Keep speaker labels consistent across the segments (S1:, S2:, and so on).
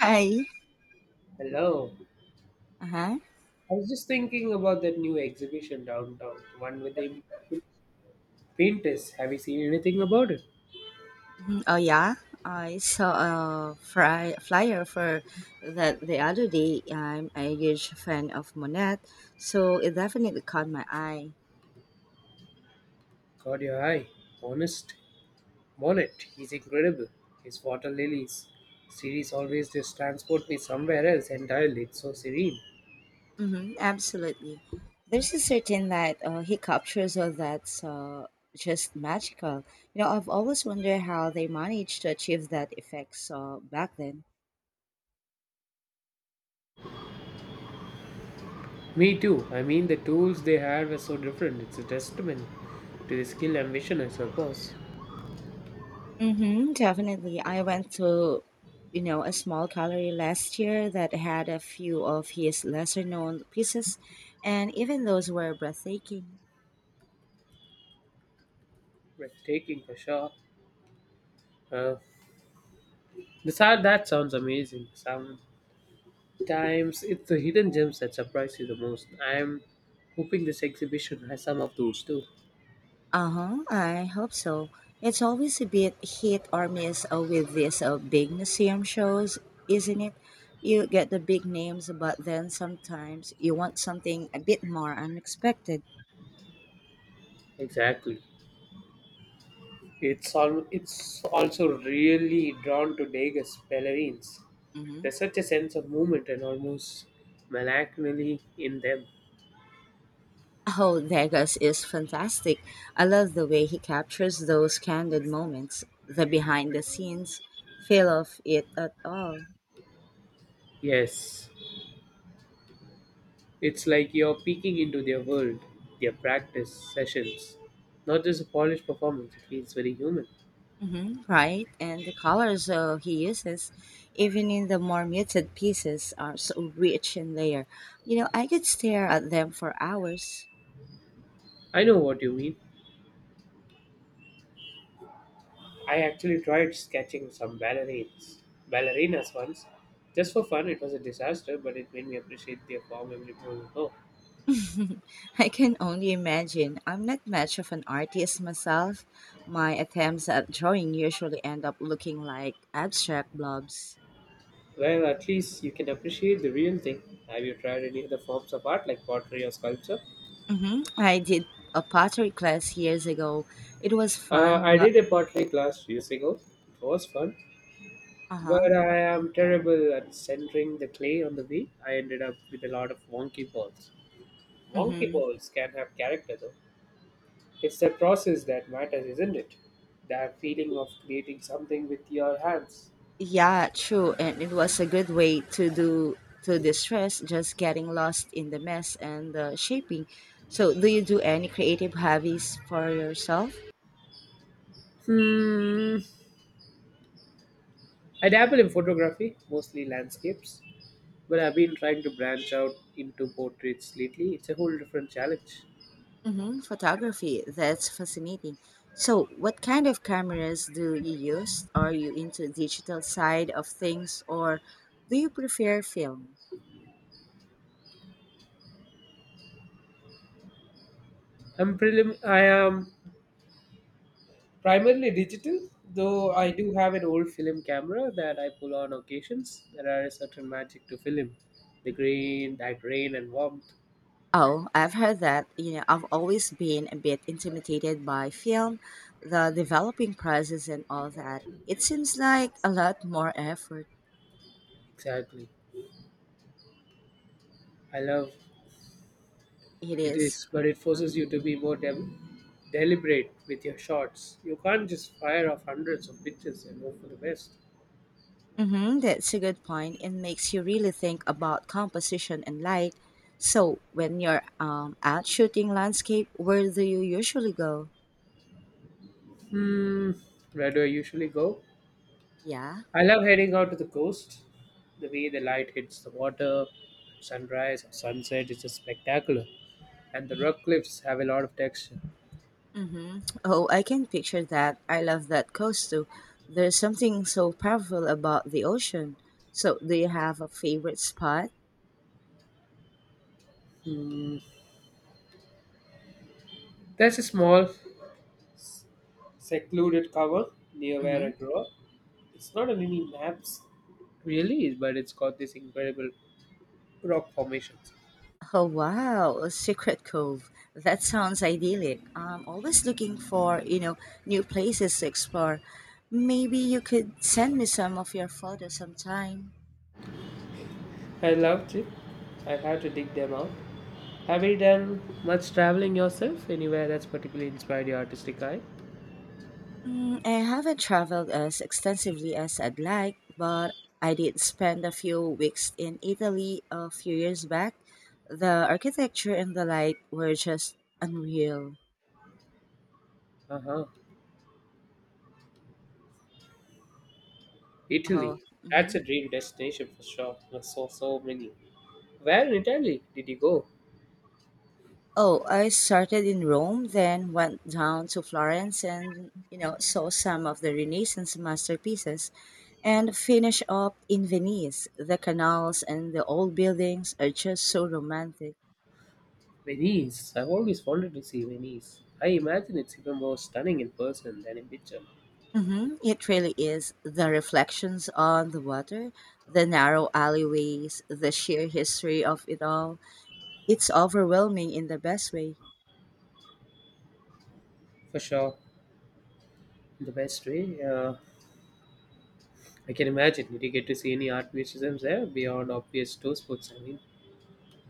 S1: Hi.
S2: Hello.
S1: Uh-huh.
S2: I was just thinking about that new exhibition downtown, the one with the painters. Have you seen anything about it?
S1: Mhm. Oh yeah, I saw a flyer for that the other day. I'm a huge fan of Monet, so it definitely caught my eye.
S2: Caught your eye. Honest Bonnet. He's incredible. His water lilies series always just transport me somewhere else entirely. It's so serene.
S1: Mm-hmm. Absolutely. There's a certain that he captures all that's just magical. I've always wondered how they managed to achieve that effect so back then.
S2: Me too. I mean, the tools they had were so different. It's a testament to the skill and vision, I suppose.
S1: Mm-hmm, definitely. I went to, a small gallery last year that had a few of his lesser known pieces, and even those were breathtaking.
S2: Breathtaking for sure. Uh, the sad, that sounds amazing. Some times it's the hidden gems that surprise you the most. I'm hoping this exhibition has some of those too.
S1: Uh-huh, I hope so. It's always a bit hit or miss with these big museum shows, isn't it? You get the big names, but then sometimes you want something a bit more unexpected.
S2: Exactly. It's all it's also really drawn to Vegas ballerines.
S1: Mhm.
S2: There's such a sense of movement and almost melancholy in them.
S1: Oh, Degas is fantastic. I love the way he captures those candid moments, the behind the scenes feel of it at all.
S2: Yes. It's like you're peeking into their world, their practice sessions. Not just a polished performance, it feels very human.
S1: Hmm, right? And the colors he uses, even in the more muted pieces, are so rich in layer. I could stare at them for hours.
S2: I know what you mean. I actually tried sketching some ballerinas once, just for fun. It was a disaster, but it made me appreciate their form a little more.
S1: I can only imagine. I'm not much of an artist myself. My attempts at drawing usually end up looking like abstract blobs.
S2: Well, at least you can appreciate the real thing. Have you tried any other forms of art like pottery or sculpture?
S1: Hmm, I did a pottery class years ago. It was fun,
S2: I
S1: but
S2: did a pottery class few years ago. It was fun,
S1: uh
S2: but
S1: huh.
S2: I am terrible at centering the clay on the wheel. I ended up with a lot of wonky balls. Wonky
S1: Mm-hmm.
S2: balls can have character though. It's the process that matters, isn't it? That feeling of creating something with your hands.
S1: Yeah, true, and it was a good way to do to distress, just getting lost in the mess and the shaping. So, do you do any creative hobbies for yourself?
S2: Hmm. I dabble in photography, mostly landscapes, but I've been trying to branch out into portraits lately. It's a whole different challenge.
S1: Mm-hmm. Photography, that's fascinating. So, what kind of cameras do you use? Are you into digital side of things, or do you prefer film?
S2: I am primarily digital, though I do have an old film camera that I pull on occasions. There are a certain magic to film, the grain, that rain and warmth.
S1: Oh, I've heard that. I've always been a bit intimidated by film, the developing process and all that. It seems like a lot more effort.
S2: Exactly. I love
S1: It
S2: It
S1: is.
S2: is, but it forces you to be more deliberate with your shots. You can't just fire off hundreds of pictures and hope for the best.
S1: Mm-hmm, that's a good point. It makes you really think about composition and light. So, when you're out shooting landscape, where do you usually go?
S2: Hmm, where do I usually go?
S1: Yeah.
S2: I love heading out to the coast. The way the light hits the water, sunrise or sunset is just spectacular, and the rock cliffs have a lot of texture.
S1: Mm-hmm. Oh, I can picture that. I love that coast too. There's something so powerful about the ocean. So, do you have a favorite spot?
S2: Hmm, there's a small, secluded cover near where I
S1: Mhm.
S2: grew up. It's not on any maps, really, but it's got these incredible rock formations.
S1: Oh wow, a secret cove. That sounds idyllic. I'm always looking for new places to explore. Maybe you could send me some of your photos sometime.
S2: I loved it. I had to dig them out. Have you done much traveling yourself? Anywhere that's particularly inspired your artistic eye?
S1: Mm, I haven't traveled as extensively as I'd like, but I did spend a few weeks in Italy a few years back. The architecture and the light were just unreal.
S2: Uh huh.
S1: Oh,
S2: Italy. That's
S1: mhm.
S2: a dream destination for sure. There's so many. Where in Italy did you go?
S1: Oh, I started in Rome, then went down to Florence and, saw some of the Renaissance masterpieces and finished up in Venice. The canals and the old buildings are just so romantic.
S2: Venice. I've always wanted to see Venice. I imagine it's even more stunning in person than in picture.
S1: Hmm, it really is. The reflections on the water, the narrow alleyways, the sheer history of it all. It's overwhelming in the best way.
S2: For sure, in the best way. I can imagine. Did you get to see any art museums there beyond obvious tour spots? I mean,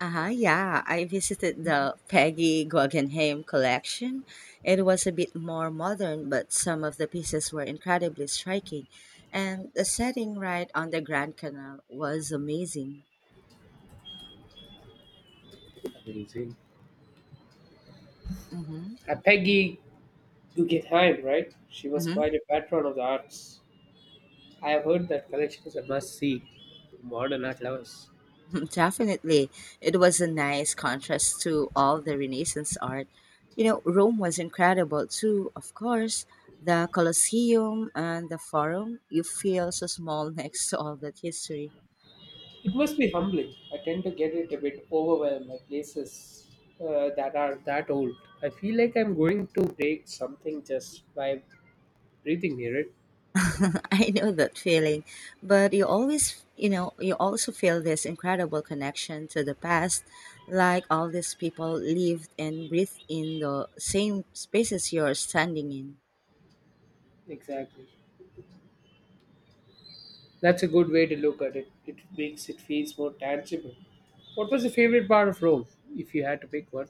S1: Uh-huh, yeah, I visited Mhm. the Peggy Guggenheim collection. It was a bit more modern, but some of the pieces were incredibly striking. And the setting right on the Grand Canal was amazing.
S2: amazing.
S1: Mm-hmm.
S2: Peggy You get Haim, right? She was
S1: Mm-hmm.
S2: quite a patron of the arts. I have heard that collection is a must see for modern art lovers.
S1: Definitely. It was a nice contrast to all the Renaissance art. Rome was incredible too, of course. The Colosseum and the Forum, you feel so small next to all that history.
S2: It must be humbling. I tend to get it a bit overwhelmed by places that are that old. I feel like I'm going to break something just by breathing near it.
S1: I know that feeling, but you always, you also feel this incredible connection to the past, like all these people lived and breathed in the same spaces you're standing in.
S2: Exactly. That's a good way to look at it. It makes it feels more tangible. What was your favorite part of Rome, if you had to pick one?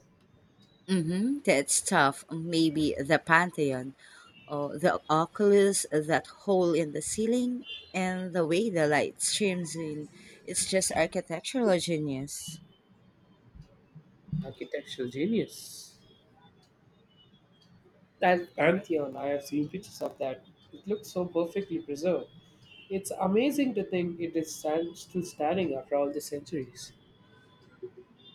S1: Mm-hmm. That's tough. Maybe the Pantheon, or the oculus, that hole in the ceiling, and the way the light streams in. It's just architectural genius.
S2: Architectural genius. I'll agree with you on. I have seen pictures of that. It looks so perfectly preserved. It's amazing to think it is stand, still standing after all the centuries.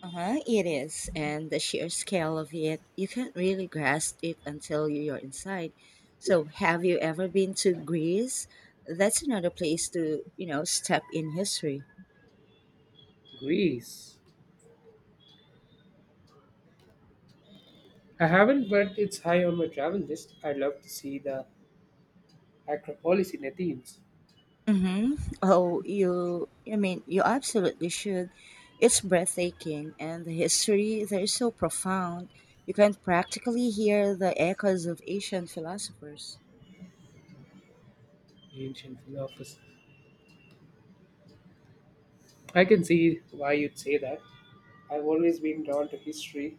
S1: Uh-huh, it is. And the sheer scale of it, you can't really grasp it until you're inside. So, have you ever been to Greece? That's another place to, step in history.
S2: Greece. I haven't, but it's high on my travel list. I'd love to see the Acropolis in Athens,
S1: Mm-hmm. Oh, I mean, you absolutely should. It's breathtaking, and the history there is so profound. You can practically hear the echoes of ancient philosophers.
S2: ancient Philophus. I can see why you'd say that. I've always been drawn to history,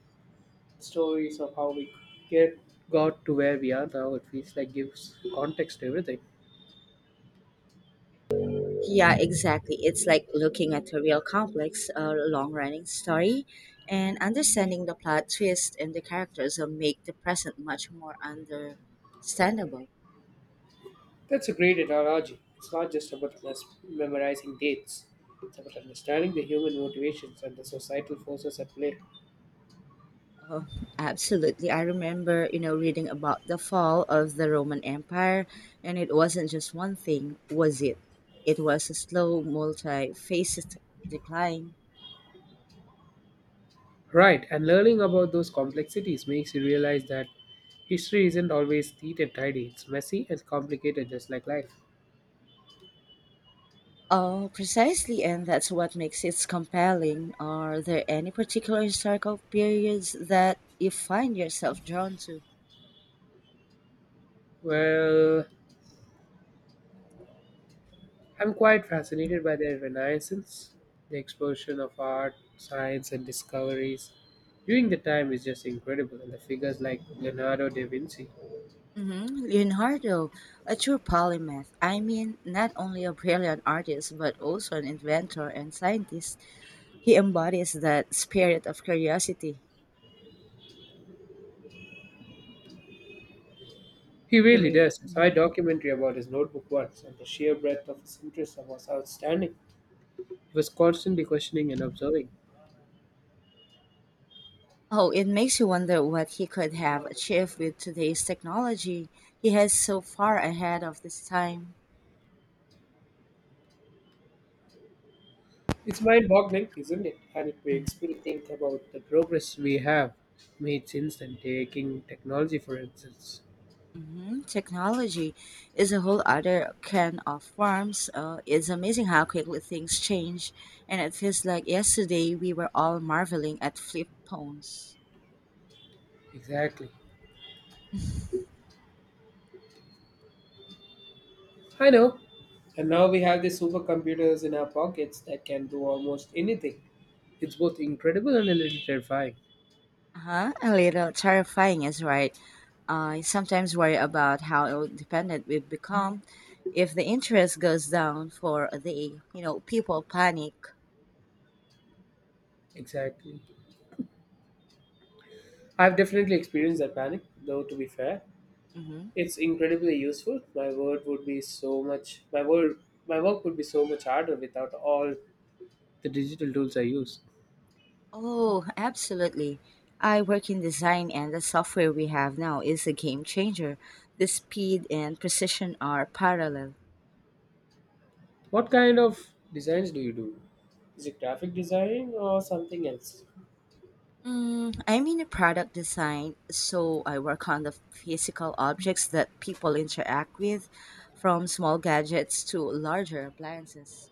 S2: stories of how we get got to where we are now. It feels like gives context to everything.
S1: Yeah, exactly. It's like looking at a real complex, long running story, and understanding the plot twist and the characters will make the present much more understandable.
S2: That's a great analogy. It's not just about memorizing dates, it's about understanding the human motivations and the societal forces at play.
S1: Oh, absolutely. I remember, reading about the fall of the Roman Empire, and it wasn't just one thing, was it? It was a slow, multi-faceted decline.
S2: Right, and learning about those complexities makes you realize that history isn't always neat and tidy, it's messy and complicated, just like life.
S1: Oh, precisely, and that's what makes it compelling. Are there any particular historical periods that you find yourself drawn to?
S2: Well, I'm quite fascinated by the Renaissance, the explosion of art, science, and discoveries. During the time is just incredible, and the figures like Leonardo da Vinci.
S1: Hmm, Leonardo, a true polymath. I mean, not only a brilliant artist, but also an inventor and scientist. He embodies that spirit of curiosity.
S2: He
S1: He
S2: really
S1: really.
S2: does. I saw a
S1: Mhm.
S2: documentary about his notebook once, and the sheer breadth of his interest was outstanding. He was constantly questioning and observing.
S1: Oh, it makes you wonder what he could have achieved with today's technology. He has so far ahead of this time.
S2: It's mind boggling, isn't it? And it makes me think about the progress we have made since then, taking technology for instance.
S1: Mhm. Technology is a whole other can of worms. It's amazing how quickly things change, and it feels like yesterday we were all marveling at flip phones.
S2: Exactly. I know. And now we have these supercomputers in our pockets that can do almost anything. It's both incredible and a little terrifying.
S1: Uh-huh. A little terrifying is right. I sometimes worry about how dependent we've become. If the interest goes down for a day, people panic.
S2: Exactly. I've definitely experienced that panic, though, to be fair.
S1: Mm-hmm.
S2: It's incredibly useful. My word, my work would be so much harder without all the digital tools I use.
S1: Oh, absolutely. I work in design, and the software we have now is a game changer. The speed and precision are parallel.
S2: What kind of designs do you do? Is it graphic design or something else?
S1: Mm, I'm in a product design, so I work on the physical objects that people interact with, from small gadgets to larger appliances.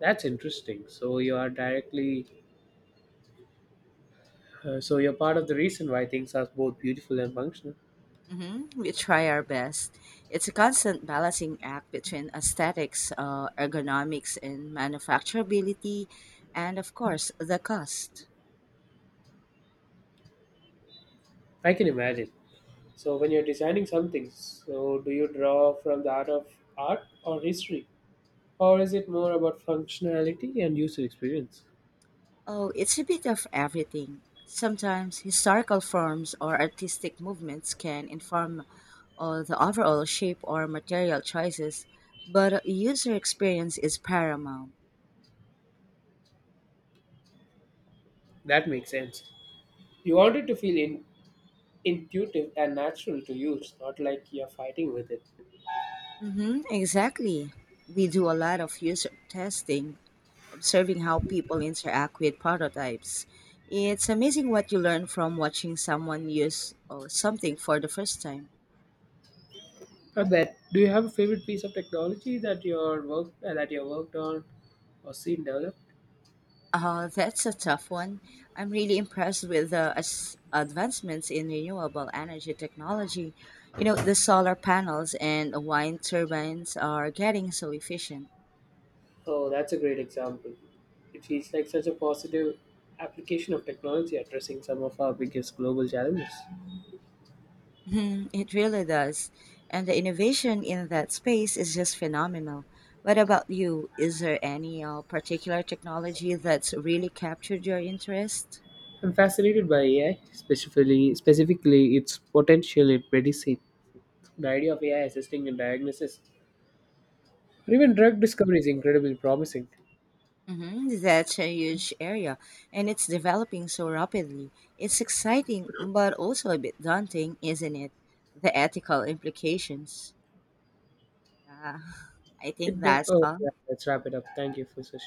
S2: That's interesting. So you are directly, so you're part of the reason why things are both beautiful and functional.
S1: Hmm, we try our best. It's a constant balancing act between aesthetics, ergonomics, and manufacturability, and of course, the cost.
S2: I can imagine. So when you're designing something, so do you draw from the art or history, or is it more about functionality and user experience?
S1: Oh, it's a bit of everything. Sometimes historical forms or artistic movements can inform the overall shape or material choices, but user experience is paramount.
S2: That makes sense. You want it to intuitive and natural to use, not like you're fighting with it.
S1: Mm-hmm, exactly. We do a lot of user testing, observing how people interact with prototypes. It's amazing what you learn from watching someone use something for the first time.
S2: Not that. Do you have a favorite piece of technology that you're work that you worked on or seen develop?
S1: That's a tough one. I'm really impressed with the advancements in renewable energy technology. The solar panels and wind turbines are getting so efficient.
S2: Oh, that's a great example. It feels like such a positive application of technology addressing some of our biggest global challenges.
S1: Mhm, it really does. And the innovation in that space is just phenomenal. What about you? Is there any particular technology that's really captured your interest?
S2: I'm fascinated by AI, specifically its potential in medicine. The idea of AI assisting in diagnosis or even drug discovery is incredibly promising.
S1: Hmm, that's a huge area, and it's developing so rapidly. It's exciting, but also a bit daunting, isn't it? The ethical implications. Yeah, I think that's
S2: Oh
S1: all.
S2: yeah, let's wrap it up. Thank you for such.